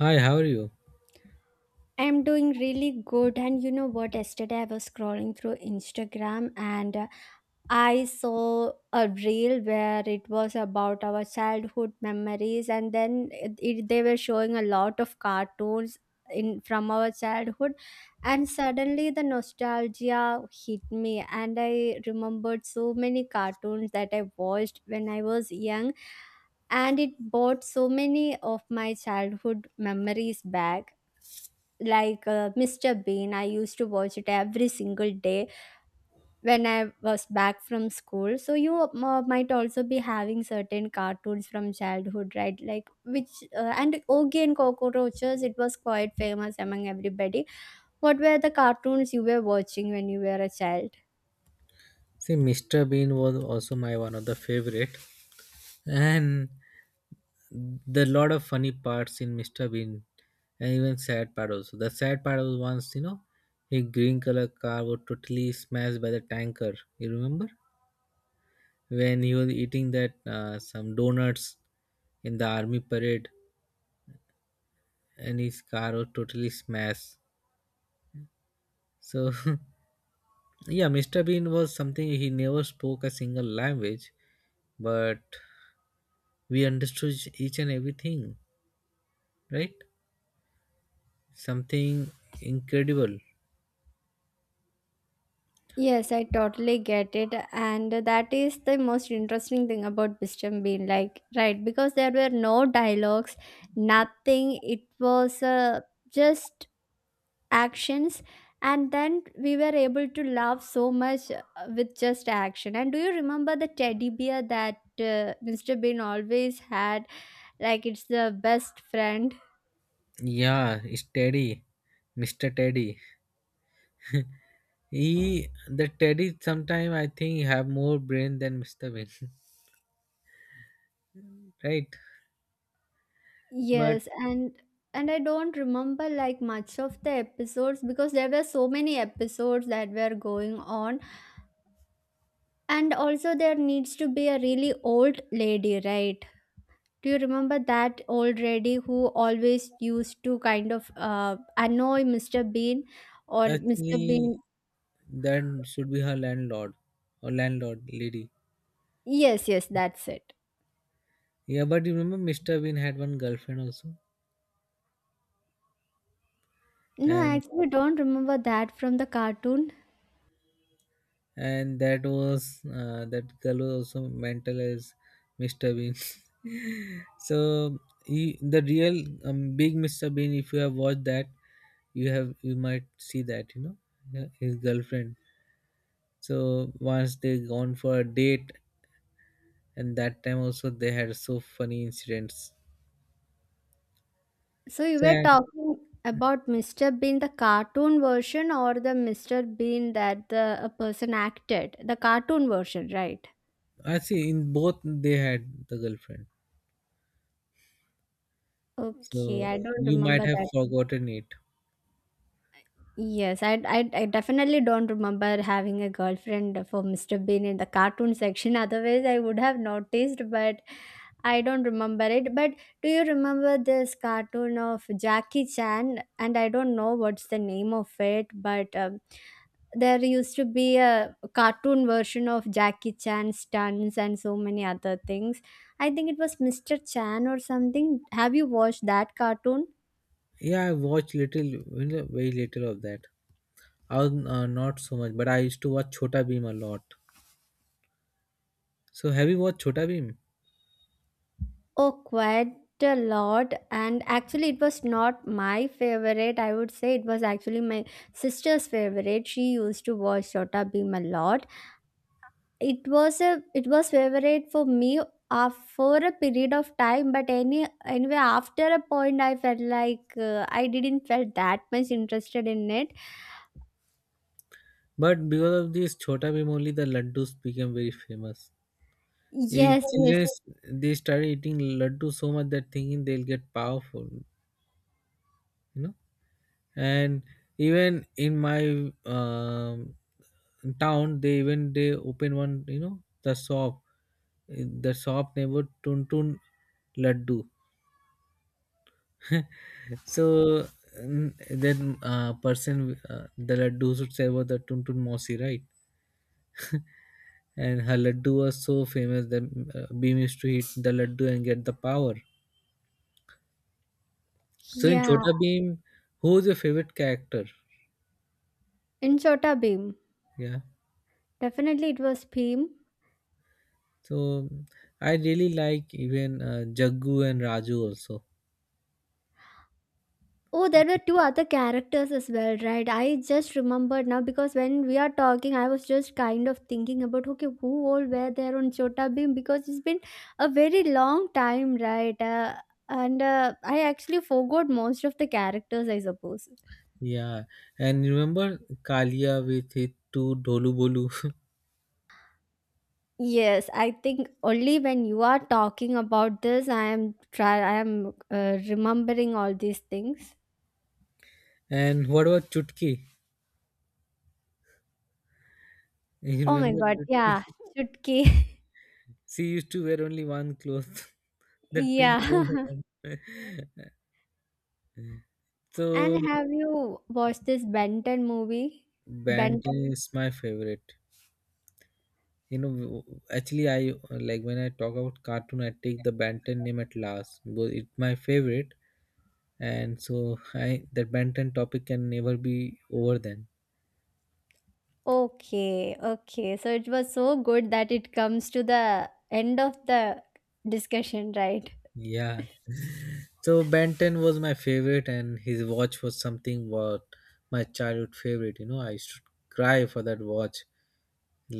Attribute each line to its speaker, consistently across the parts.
Speaker 1: Hi, how are you?
Speaker 2: I'm doing really good. And you know what? Yesterday I was scrolling through Instagram and I saw a reel where it was about our childhood memories, and then they were showing a lot of cartoons in from our childhood, and suddenly the nostalgia hit me, and I remembered so many cartoons that I watched when I was young, and it brought so many of my childhood memories back like Mr. Bean. I used to watch it every single day when I was back from school. So you might also be having certain cartoons from childhood, right? Like which and Ogie and Cockroaches. It was quite famous among everybody. What were the cartoons you were watching when you were a child?
Speaker 1: See, Mr. Bean was also my one of the favorite, and the lot of funny parts in Mr. Bean, and even sad part also. The sad part was once, you know, a green color car was totally smashed by the tanker. You remember when he was eating that some donuts in the army parade, and his car was totally smashed. So, yeah, Mr. Bean was something he never spoke a single language, but we understood each and everything, right? Something incredible.
Speaker 2: Yes, I totally get it. And that is the most interesting thing about Mr. Bean. Like, right, because there were no dialogues, nothing. It was just actions, and then we were able to laugh so much with just action. And do you remember the teddy bear that Mr. Bean always had, like it's the best friend?
Speaker 1: Yeah, it's Teddy, Mr. Teddy. He, the teddy sometime I think have more brain than Mr. Bean. Right? But
Speaker 2: Yes, and I don't remember like much of the episodes because there were so many episodes that were going on, and also there needs to be a really old lady, right? Do you remember that old lady who always used to kind of annoy Mr. Bean or Mr.
Speaker 1: actually
Speaker 2: Bean?
Speaker 1: that should be her landlord, or landlord lady.
Speaker 2: Yes, yes, that's it.
Speaker 1: Yeah, but you remember Mr. Bean had one girlfriend also.
Speaker 2: No, I
Speaker 1: and
Speaker 2: actually don't remember that from the cartoon.
Speaker 1: and that was that girl was also mental as Mr. Bean. So he, the real big Mr. Bean, if you have watched that, you have you might see that, you know, yeah, his girlfriend. So once they gone for a date, and that time also they had so funny incidents.
Speaker 2: So you were
Speaker 1: And
Speaker 2: talking about Mr. Bean, the cartoon version, or the Mr. Bean that the a person acted, the cartoon version, right?
Speaker 1: I see in both they had the girlfriend.
Speaker 2: Okay,
Speaker 1: So
Speaker 2: I don't
Speaker 1: you might
Speaker 2: remember
Speaker 1: have
Speaker 2: that.
Speaker 1: forgotten it.
Speaker 2: Yes, I definitely don't remember having a girlfriend for Mr. Bean in the cartoon section. Otherwise, I would have noticed, but I don't remember it. But do you remember this cartoon of Jackie Chan? And I don't know what's the name of it, but there used to be a cartoon version of Jackie Chan stunts and so many other things. I think it was Mr. Chan or something. Have you watched that cartoon?
Speaker 1: Yeah, I watched little, you know, very little of that. Not so much, but I used to watch Chota Bheem a lot. So have you watched Chota Bheem?
Speaker 2: Oh, quite a lot. And actually, it was not my favorite. I would say it was actually my sister's favorite. She used to watch Shota Beam a lot. It was a it was favorite for me for a period of time. But anyway, after a point, I felt like I didn't felt that much interested in it.
Speaker 1: But because of this Chota Bheem only the laddus became very famous. Eh,
Speaker 2: Yes, yes,
Speaker 1: children, they started eating laddu so much that thinking they'll get powerful, you know. And even in my town, they open one, you know, the shop. Eh, the shop neighbor Tuntun Laddu. So then person the laddu should say about the Tuntun Mosi, right? And her laddu was so famous that Beam used to eat the laddu and get the power. So in
Speaker 2: yeah.
Speaker 1: Chota Beam, who is your favorite character?
Speaker 2: In Shota Beam,
Speaker 1: Yeah.
Speaker 2: definitely it was Beam.
Speaker 1: So I really like even Jaggu and Raju also.
Speaker 2: Oh, there were two other characters as well, right? I just remembered now because when we are talking, I was just kind of thinking about okay, who all were there on Chota Bheem? Because it's been a very long time, right? And I actually forgot most of the characters, I suppose.
Speaker 1: Yeah. And you remember Kalia with his two Dholu Bolu.
Speaker 2: Yes, I think only when you are talking about this, I am remembering all these things.
Speaker 1: And what about Chutki? You
Speaker 2: Oh my
Speaker 1: remember
Speaker 2: god, yeah,
Speaker 1: Chutki?
Speaker 2: Chutki,
Speaker 1: She used to wear only one cloth. That pink
Speaker 2: yeah.
Speaker 1: one. So
Speaker 2: And have you watched this Benton movie?
Speaker 1: Band
Speaker 2: Benton.
Speaker 1: is my favorite. You know, actually, I like when I talk about cartoon, I take the Banten name at last. But it's my favorite, and so I that Banten topic can never be over. Then,
Speaker 2: Okay, okay. So it was so good that it comes to the end of the discussion, right?
Speaker 1: yeah. So Banten was my favorite, and his watch was something what my childhood favorite. You know, I used to cry for that watch,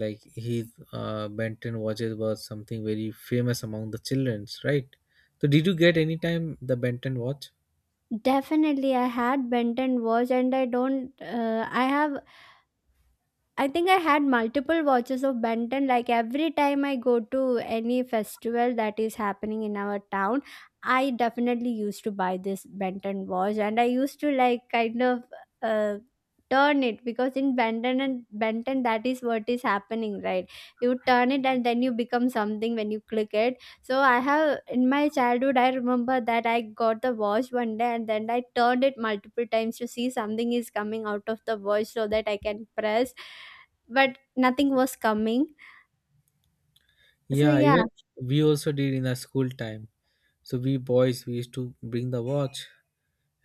Speaker 1: like his Benton watches was something very famous among the childrens, right? So did you get any time the Benton watch?
Speaker 2: Definitely, I had Benton watch, and I don't. I have I think I had multiple watches of Benton. Like every time I go to any festival that is happening in our town, I definitely used to buy this Benton watch, and I used to like kind of uh, turn it because in Benton and Benton that is what is happening, right? You turn it and then you become something when you click it. So I have in my childhood I remember that I got the watch one day and then I turned it multiple times to see something is coming out of the watch so that I can press, but nothing was coming. So
Speaker 1: Yeah,
Speaker 2: yeah,
Speaker 1: even we also did in our school time. So we boys we used to bring the watch,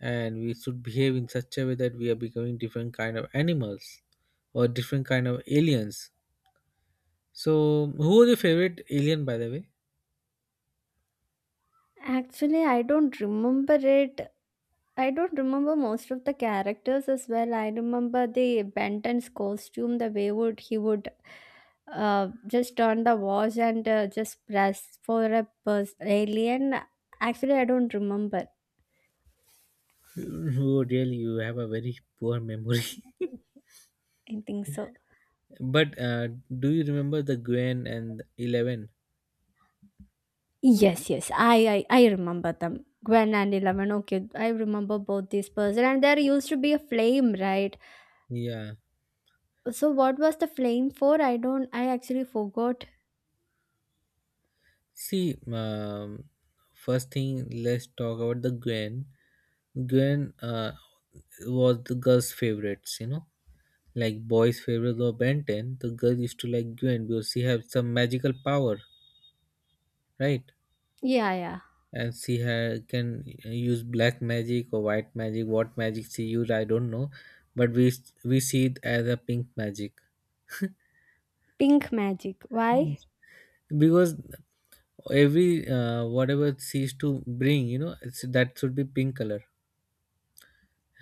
Speaker 1: and we should behave in such a way that we are becoming different kind of animals or different kind of aliens. So who was your favorite alien, by the way?
Speaker 2: actually I don't remember it. I don't remember most of the characters as well. I remember the Benton's costume, the way would he would just turn the watch and just press for a alien. Actually, I don't remember.
Speaker 1: Oh, really, you have a very poor memory.
Speaker 2: I think so.
Speaker 1: But do you remember the Gwen and Eleven?
Speaker 2: Yes, yes, I remember them. Gwen and 11. Okay, I remember both these person. And there used to be a flame, right?
Speaker 1: Yeah.
Speaker 2: So what was the flame for? I don't. I actually forgot.
Speaker 1: See, first thing, let's talk about the Gwen. Gwen was the girls' favorites, you know, like boys' favorites were Ben 10. The girls used to like Gwen because she had some magical power, right?
Speaker 2: Yeah, yeah.
Speaker 1: And she had, can use black magic or white magic. What magic she used, I don't know, but we see it as a pink magic.
Speaker 2: Pink magic. Why?
Speaker 1: Yes. Because every whatever she used to bring, you know, it's, that should be pink color,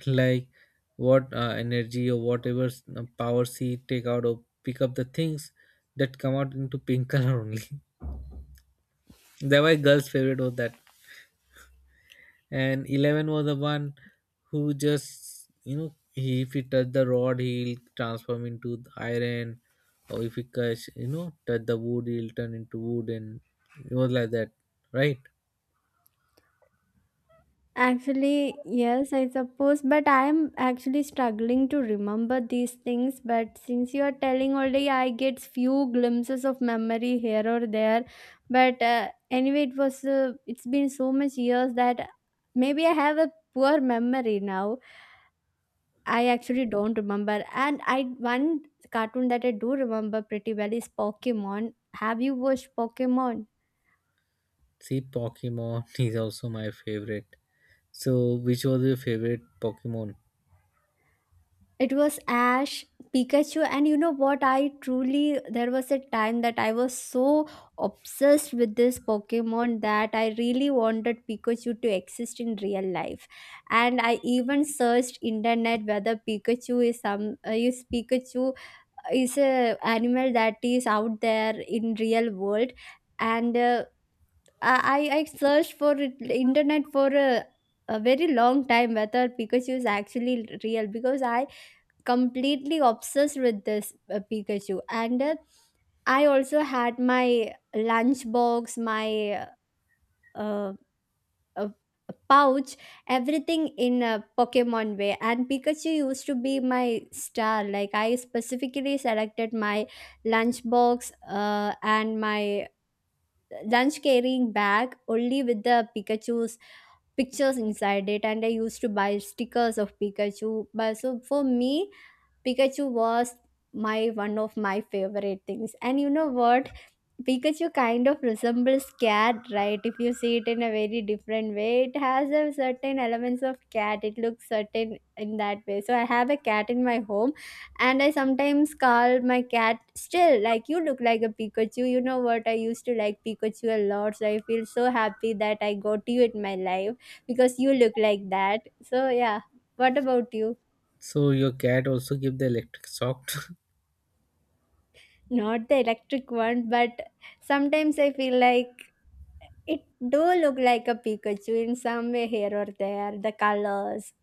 Speaker 1: like what energy or whatever power she take out or pick up the things, that come out into pink color only. That why girls' favorite was that. And Eleven was the one who, just you know, he if he touch the rod he'll transform into the iron, or if he catch you know touch the wood he'll turn into wood, and it was like that, right?
Speaker 2: Actually, yes, I suppose, but I am actually struggling to remember these things. But since you are telling already, I get few glimpses of memory here or there. But anyway, it was it's been so much years that maybe I have a poor memory now. I actually don't remember. And I one cartoon that I do remember pretty well is Pokemon. Have you watched Pokemon?
Speaker 1: See, Pokemon is also my favorite. So, which was your favorite Pokemon?
Speaker 2: It was Ash, Pikachu, and you know what? I truly, there was a time that I was so obsessed with this Pokemon that I really wanted Pikachu to exist in real life. And I even searched internet whether Pikachu is Pikachu is a animal that is out there in real world. And I searched for it, internet for a very long time whether Pikachu is actually real because I completely obsessed with this Pikachu. And I also had my lunchbox, my uh, uh, pouch, everything in a Pokemon way. And Pikachu used to be my star. Like I specifically selected my lunchbox and my lunch carrying bag only with the Pikachu's pictures inside it, and I used to buy stickers of Pikachu. But so for me Pikachu was my one of my favorite things. And you know what? Pikachu kind of resembles cat, right? If you see it in a very different way, it has a certain elements of cat. It looks certain in that way. So I have a cat in my home and I sometimes call my cat still like you look like a Pikachu. You know what? I used to like Pikachu a lot. So I feel so happy that I got you in my life because you look like that. So yeah. What about you?
Speaker 1: So your cat also give the electric shock.
Speaker 2: Not the electric one, but sometimes I feel like it do look like a Pikachu in some way here or there. The colors.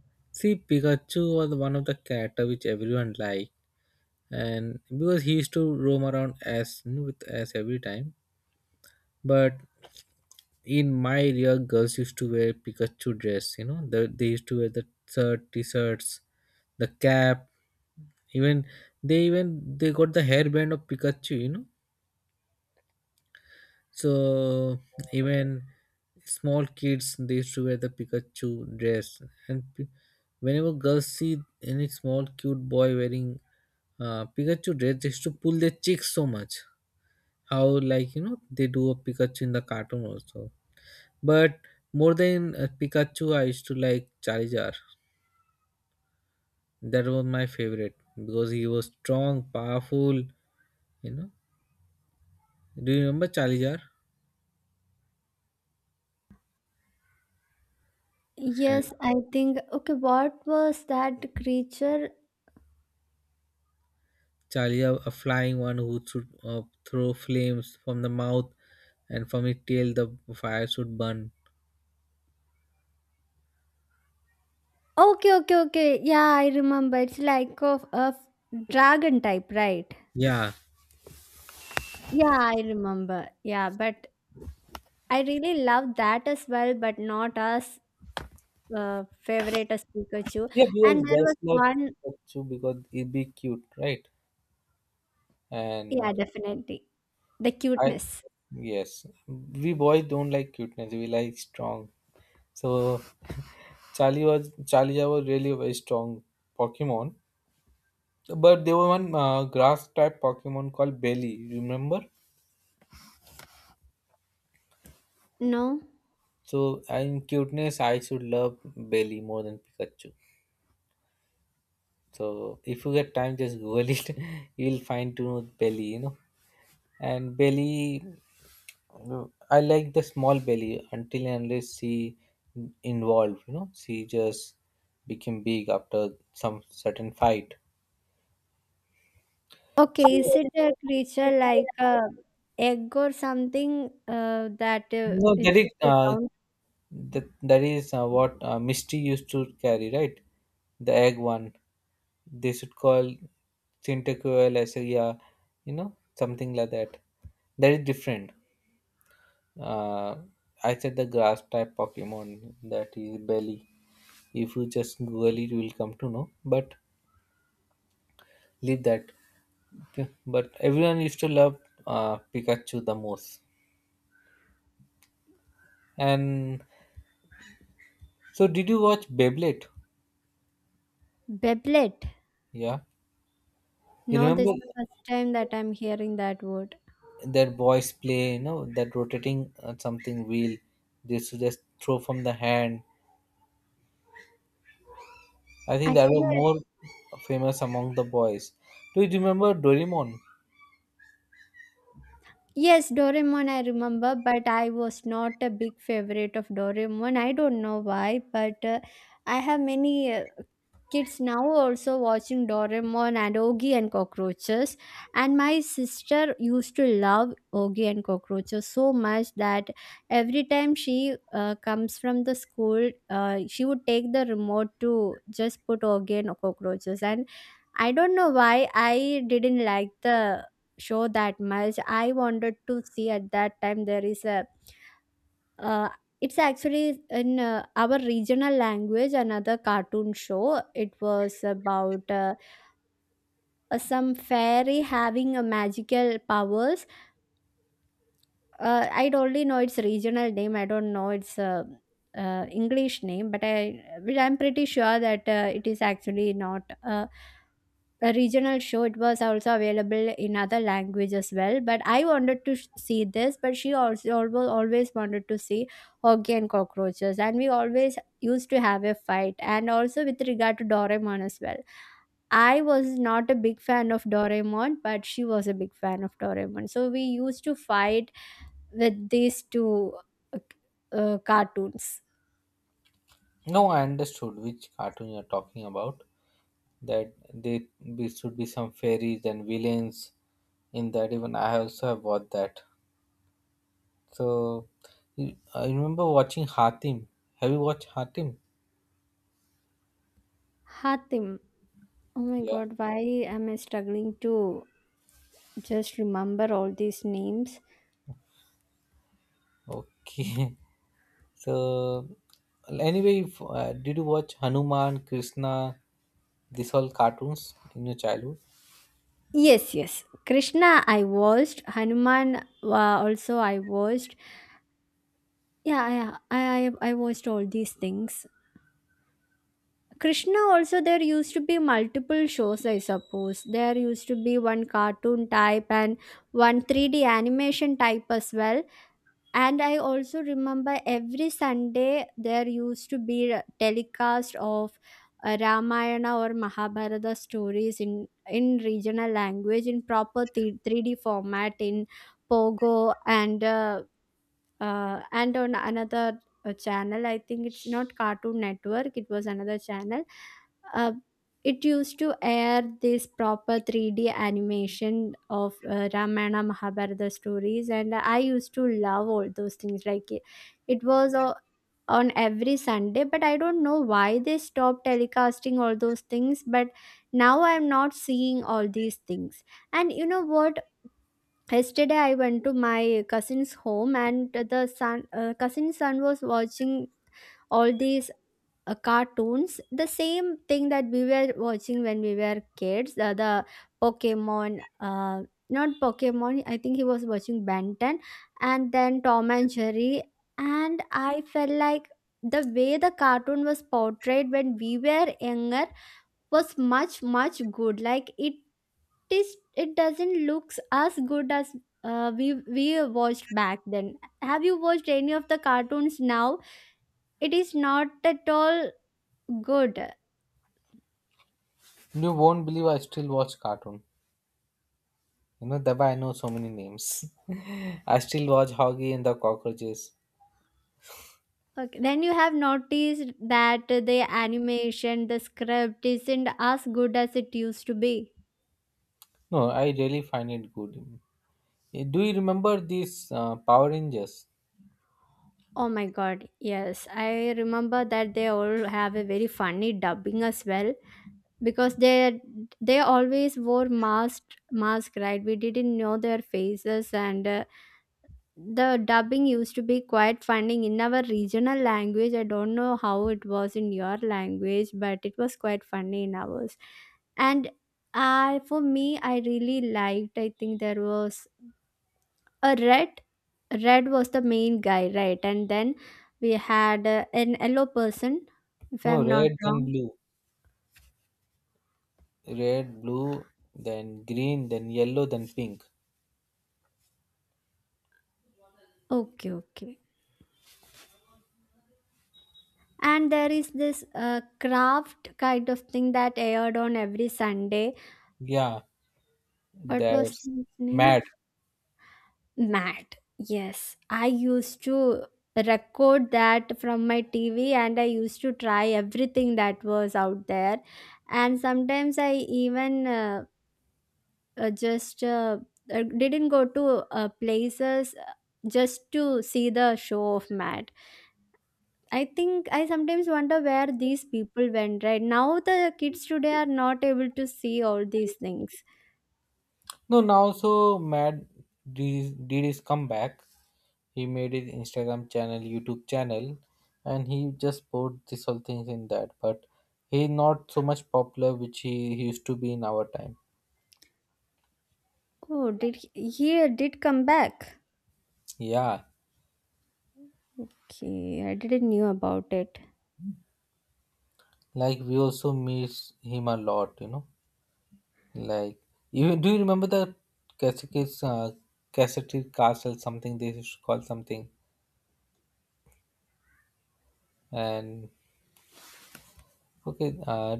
Speaker 1: See, Pikachu was one of the character which everyone liked, and because he used to roam around as with as every time. But in my area, girls used to wear Pikachu dress. You know, they used to wear the shirt, t-shirts, the cap. Even they got the hairband of Pikachu, you know. So even small kids they used to wear the Pikachu dress, and whenever girls see any small cute boy wearing Pikachu dress, they used to pull their cheeks so much. How like you know they do a Pikachu in the cartoon also. But more than Pikachu, I used to like Charizard. That was my favorite because he was strong, powerful. You know, do you remember Charizard?
Speaker 2: Yes, I think. Okay, what was that creature?
Speaker 1: Charlie, a flying one who should throw flames from the mouth, and from its tail, the fire should burn.
Speaker 2: Okay, okay, okay. Yeah, I remember. It's like of a dragon type, right?
Speaker 1: Yeah,
Speaker 2: Yeah, I remember. Yeah, but I really love that as well, but not as favorite as Pikachu.
Speaker 1: yeah, because
Speaker 2: And there was
Speaker 1: guys love
Speaker 2: one,
Speaker 1: Pikachu because it be cute, right?
Speaker 2: yeah,
Speaker 1: And
Speaker 2: definitely the
Speaker 1: I
Speaker 2: cuteness.
Speaker 1: yes, we boys don't like cuteness. We like strong. So Charlie was really a very strong Pokemon. But there was one grass type Pokemon called Belly. Remember?
Speaker 2: No,
Speaker 1: So in cuteness, I should love Belly more than Pikachu. So if you get time, just Google it. You'll find to know Belly, you know. And Belly, I like the small Belly until and unless she involved, you know. She just became big after some certain fight.
Speaker 2: okay, is
Speaker 1: So
Speaker 2: it a creature like a egg or something that
Speaker 1: no,
Speaker 2: is
Speaker 1: that is
Speaker 2: very round?
Speaker 1: that is what Misty used to carry, right? The egg one. They should call Chintacuel as a, yeah, you know, something like that. That is different. Uh, I said the grass type Pokemon that is Belly. If you just Google it, you will come to know. But leave that. Okay. But everyone used to love Pikachu the most. And so, did you watch Beyblade?
Speaker 2: Beblet.
Speaker 1: Yeah, you
Speaker 2: No,
Speaker 1: remember
Speaker 2: this is the first time that I'm hearing that word.
Speaker 1: that boys play, you know, that rotating something wheel. They used to just throw from the hand. I think that was
Speaker 2: Actually,
Speaker 1: more famous among the boys. Do you remember Doraemon?
Speaker 2: yes, Doraemon I remember, but I was not a big favorite of Doraemon. I don't know why, but I have many. Kids now also watching Doraemon and Ogi and Cockroaches. And my sister used to love Ogi and Cockroaches so much that every time she comes from the school, she would take the remote to just put Ogi and Cockroaches. And I don't know why I didn't like the show that much. I wanted to see at that time there is a uh, it's actually in our regional language, another cartoon show. It was about some fairy having a magical powers. I only know its regional name, I don't know its English name, but I'm pretty sure that it is actually not a regional show. It was also available in other language as well, but I wanted to see this. But she also always, always wanted to see hockey and cockroaches, and we always used to have a fight, and also with regard to Doraemon as well. I was not a big fan of Doraemon, but she was a big fan of Doraemon. So we used to fight with these two uh, cartoons.
Speaker 1: No, I understood which cartoon you're talking about. That there be, should be some fairies and villains in that. Even I also have watched that. So I remember watching Hatim. Have you watched Hatim?
Speaker 2: Hatim. Oh my
Speaker 1: Yeah.
Speaker 2: god, why am I struggling to just remember all these names?
Speaker 1: Okay. So anyway, if, did you watch Hanuman, Krishna, these all cartoons in your childhood?
Speaker 2: Yes, yes. Krishna, I watched. Hanuman, also I watched. Yeah, I watched all these things. Krishna, also there used to be multiple shows, I suppose. There used to be one cartoon type and one 3D animation type as well. And I also remember every Sunday there used to be a telecast of Ramayana or Mahabharata stories in regional language in proper 3D format in Pogo and on another channel. I think it's not Cartoon Network, it was another channel. uh, it used to air this proper 3D animation of Ramayana Mahabharata stories, and I used to love all those things like it was On every Sunday, but I don't know why they stopped telecasting all those things. But now I'm not seeing all these things. And you know what, yesterday I went to my cousin's home and the son cousin's son was watching all these cartoons, the same thing that we were watching when we were kids. The pokemon not Pokemon, I think he was watching Benton, and then Tom and Jerry. And I felt like the way the cartoon was portrayed when we were younger was much much good. It doesn't looks as good as we watched back then. Have you watched any of the cartoons now? It is not at all good.
Speaker 1: You won't believe I still watch cartoon. You know, that why I know so many names. I still watch Hoggy and the Cockroaches.
Speaker 2: Okay, then you have noticed that the animation, the script isn't as good as it used to be.
Speaker 1: No, I really find it good. Eh, do you remember these Power Rangers?
Speaker 2: Oh my god, yes, I remember that. They all have a very funny dubbing as well, because they always wore mask, right? We didn't know their faces. And the dubbing used to be quite funny in our regional language. I don't know how it was in your language, but it was quite funny in ours. And for me, I really liked. I think there was a red. Red was the main guy, right? And then we had an yellow person, if
Speaker 1: No,
Speaker 2: I'm not
Speaker 1: red then
Speaker 2: wrong.
Speaker 1: blue, red, blue, then green, then yellow, then pink.
Speaker 2: Okay, okay. And there is this craft kind of thing that aired on every Sunday.
Speaker 1: Yeah,
Speaker 2: What was
Speaker 1: that's
Speaker 2: his name?
Speaker 1: Mad.
Speaker 2: Mad, yes, I used to record that from my TV and I used to try everything that was out there. And sometimes I even just didn't go to places, just to see the show of Mad. I think I sometimes wonder where these people went, right? Now the kids today are not able to see all these things.
Speaker 1: No, now also Mad did his comeback. He made his Instagram channel, YouTube channel, and he just put this whole things in that. But he not so much popular, which he used to be in our time.
Speaker 2: Oh, he did come back?
Speaker 1: Yeah,
Speaker 2: Okay, I didn't knew about it.
Speaker 1: like we also miss him a lot, you know. Like, you do you remember the Cascades, Cassette Castle, something they used to call something? And okay,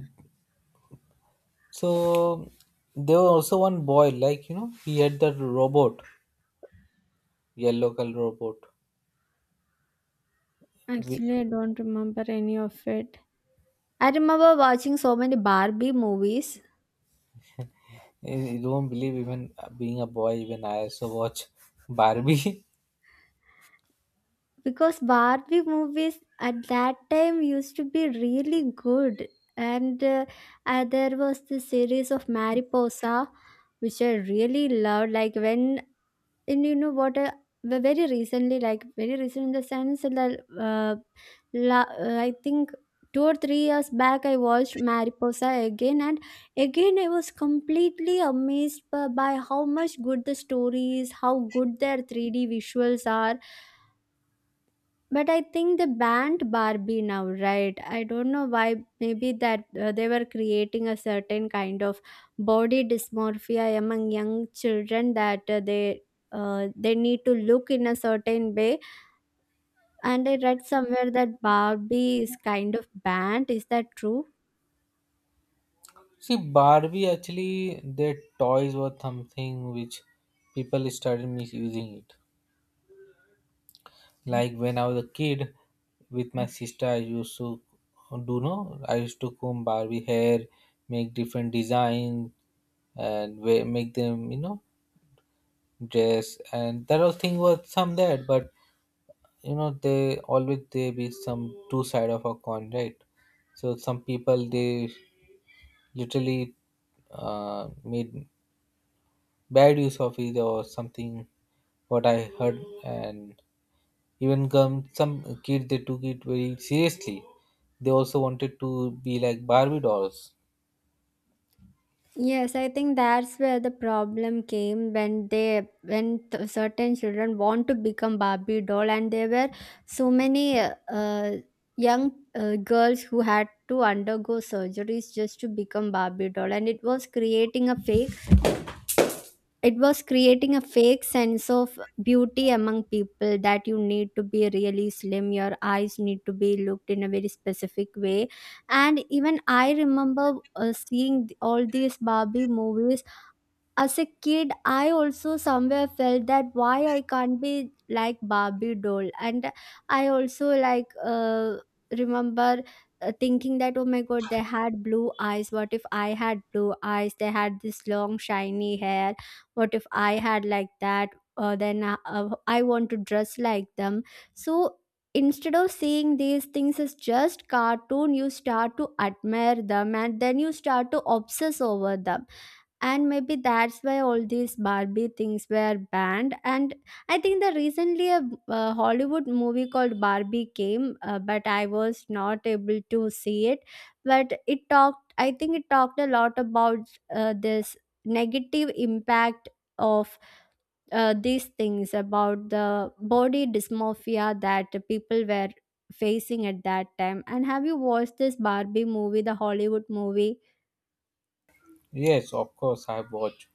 Speaker 1: so there was also one boy, like you know, he had that robot, yellow color robot. We,
Speaker 2: Actually, I don't remember any of it. I remember watching so many Barbie movies
Speaker 1: you don't believe even being a boy, even I also watch Barbie.
Speaker 2: because Barbie movies at that time used to be really good. And there was the series of Mariposa, which I really loved. Like when And you know what? Very recently, like very recent in the sense that I think 2 or 3 years back, I watched Mariposa again, and again I was completely amazed by how much good the story is, how good their 3D visuals are. But I think they banned Barbie now, right? I don't know why. Maybe that they were creating a certain kind of body dysmorphia among young children, that they need to look in a certain way. And I read somewhere that Barbie is kind of banned. Is that true?
Speaker 1: See, Barbie actually their toys were something which people started misusing it. Like when I was a kid with my sister, I used to do no, I used to comb Barbie hair, make different designs, and make them, you know, dress. And that whole thing was some that, but you know they always they be some two side of a coin, right? So some people they literally made bad use of it or something. What I heard and even come some kid they took it very seriously. They also wanted to be like Barbie dolls.
Speaker 2: Yes, I think that's where the problem came, when certain children want to become Barbie doll, and there were so many young girls who had to undergo surgeries just to become Barbie doll, and it was creating a fake. It was creating a fake sense of beauty among people, that you need to be really slim, your eyes need to be looked in a very specific way. And even I remember seeing all these Barbie movies as a kid. I also somewhere felt that why I can't be like Barbie doll. And I also like remember thinking that, oh my god, they had blue eyes. What if I had blue eyes? They had this long shiny hair, what if I had like that? Then I want to dress like them. So instead of seeing these things as just cartoon, you start to admire them, and then you start to obsess over them. And maybe that's why all these Barbie things were banned. And I think that recently a Hollywood movie called Barbie came, but I was not able to see it. But it talked, I think it talked a lot about this negative impact of these things about the body dysmorphia that people were facing at that time. And have you watched this Barbie movie, the Hollywood movie?
Speaker 1: Yes, of course I have watched.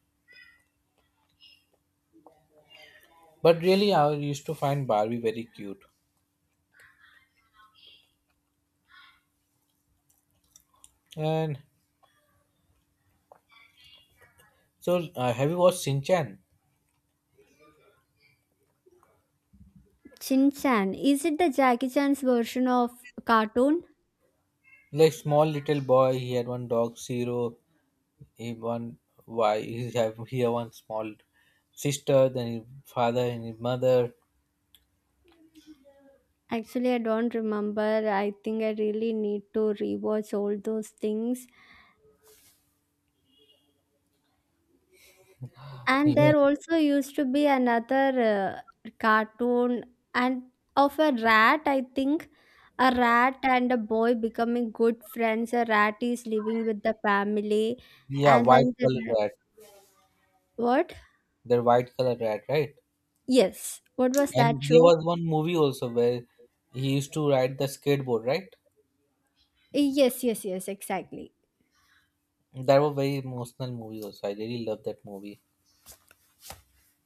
Speaker 1: But really, I used to find Barbie very cute. And so, have you watched Shinchan?
Speaker 2: Chin Chan. Is it the Jackie Chan's version of cartoon?
Speaker 1: Like small little boy, he had one dog, Zero. He one why he have he had one small sister, then his father and his mother.
Speaker 2: Actually, I don't remember. I think I really need to rewatch all those things.
Speaker 1: He
Speaker 2: And
Speaker 1: had-
Speaker 2: there also used to be another cartoon, and of a rat, I think. A rat and a boy becoming good friends. A rat is living with the family.
Speaker 1: yeah,
Speaker 2: And
Speaker 1: white
Speaker 2: then the
Speaker 1: color
Speaker 2: rat.
Speaker 1: rat.
Speaker 2: What?
Speaker 1: They're white color rat, right?
Speaker 2: Yes. What was
Speaker 1: And
Speaker 2: that
Speaker 1: there
Speaker 2: show?
Speaker 1: was one movie also where he used to ride the skateboard, right?
Speaker 2: Yes, yes, yes, exactly.
Speaker 1: That was very emotional movie also. I really love that movie.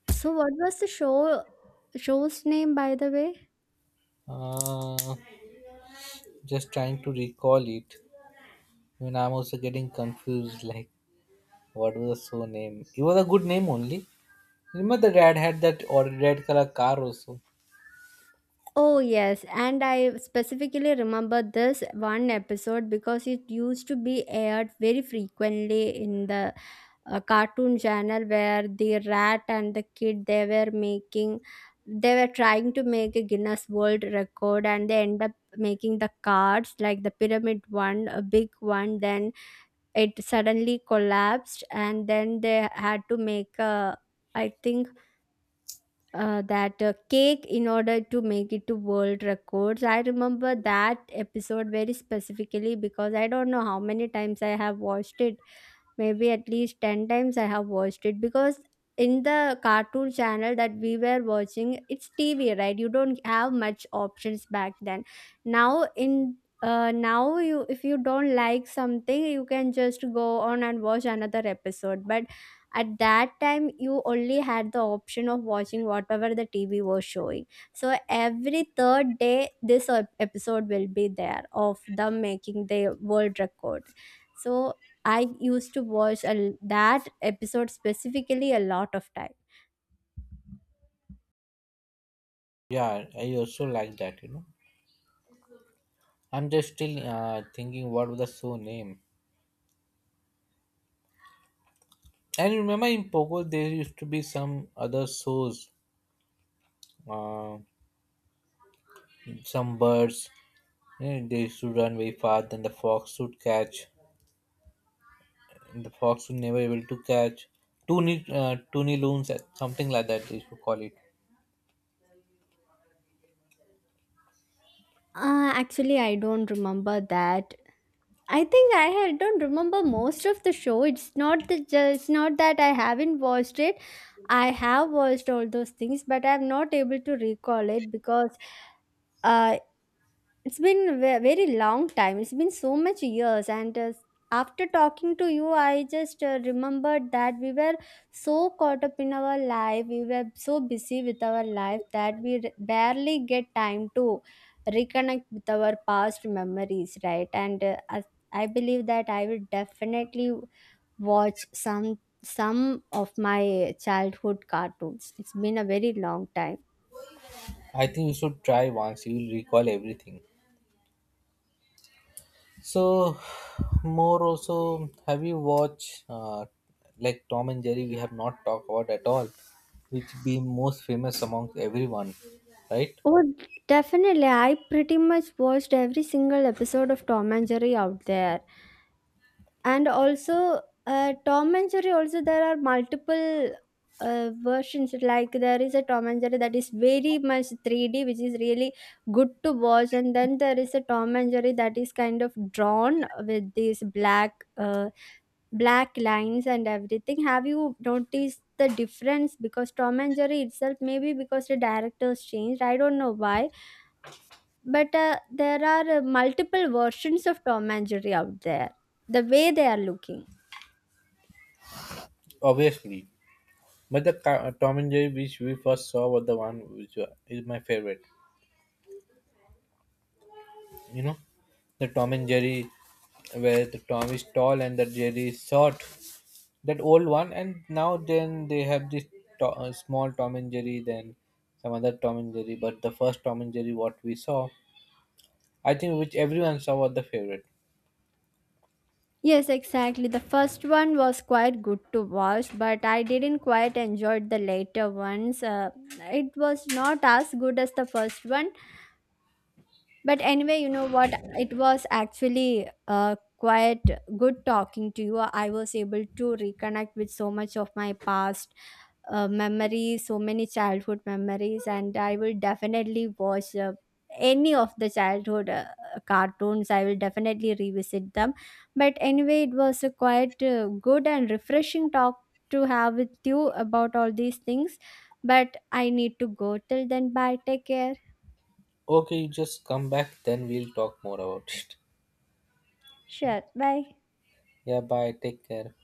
Speaker 2: So what was the show's name, by the way?
Speaker 1: Uh, just trying to recall it. Even I'm also getting confused. Like, what was the show name? It was a good name only. Remember the dad had that or red color car also.
Speaker 2: Oh yes, and I specifically remember this one episode because it used to be aired very frequently in the cartoon channel, where the rat and the kid they were trying to make a Guinness World Record, and they end up making the cards like the pyramid one, a big one. Then it suddenly collapsed, and then they had to make a, I think that cake in order to make it to world records. I remember that episode very specifically because I don't know how many times I have watched it, maybe at least 10 times I have watched it. Because in the cartoon channel that we were watching, it's TV, right? You don't have much options back then. now in Now you, if you don't like something, you can just go on and watch another episode. But at that time you only had the option of watching whatever the TV was showing. So every third day this episode will be there, of them making the world record. So I used to watch that episode specifically a lot of time.
Speaker 1: Yeah, I also like that. You know, I'm just still thinking what was the show name. And you remember in Pogo there used to be some other shows, uh, some birds. Eh, they should run very fast, then the fox should catch. The fox should never able to catch. Toonie, toonie loons, something like that they should call it.
Speaker 2: Actually, I don't remember that. I think I don't remember most of the show. It's not it's not that I haven't watched it. I have watched all those things, but I'm not able to recall it because uh, it's been a very long time. It's been so much years. And after talking to you, I just remembered that we were so caught up in our life. We were so busy with our life that we barely get time to reconnect with our past memories, right? And I believe that I will definitely watch some of my childhood cartoons. It's been a very long time.
Speaker 1: I think you should try once. You will recall everything. So, more also, have you watched like Tom and Jerry? We have not talked about at all, which be most famous amongst everyone, right?
Speaker 2: Oh, definitely. I pretty much watched every single episode of Tom and Jerry out there. And also, Tom and Jerry, also, there are multiple versions. Like, there is a Tom and Jerry that is very much 3D, which is really good to watch. And then there is a Tom and Jerry that is kind of drawn with these black. Black lines and everything. Have you noticed the difference? Because Tom and Jerry itself, maybe because the directors changed, I don't know why. But there are multiple versions of Tom and Jerry out there, the way they are looking.
Speaker 1: Obviously, but the Tom and Jerry which we first saw was the one which is my favorite. You know, the Tom and Jerry where the Tom is tall and the Jerry is short, that old one, and now then they have this small Tom and Jerry, then some other Tom and Jerry, but the first Tom and Jerry what we saw, I think which everyone saw, was the favorite.
Speaker 2: Yes, exactly. The first one was quite good to watch, but I didn't quite enjoy the later ones. It was not as good as the first one. But anyway, you know what? It was actually quite good talking to you. I was able to reconnect with so much of my past memories, so many childhood memories. And I will definitely watch any of the childhood cartoons. I will definitely revisit them. But anyway, it was a quite good and refreshing talk to have with you about all these things. But I need to go. Till then, bye. Take care.
Speaker 1: Okay, you just come back then we'll talk more about it.
Speaker 2: Sure. Bye.
Speaker 1: Yeah, bye, take care.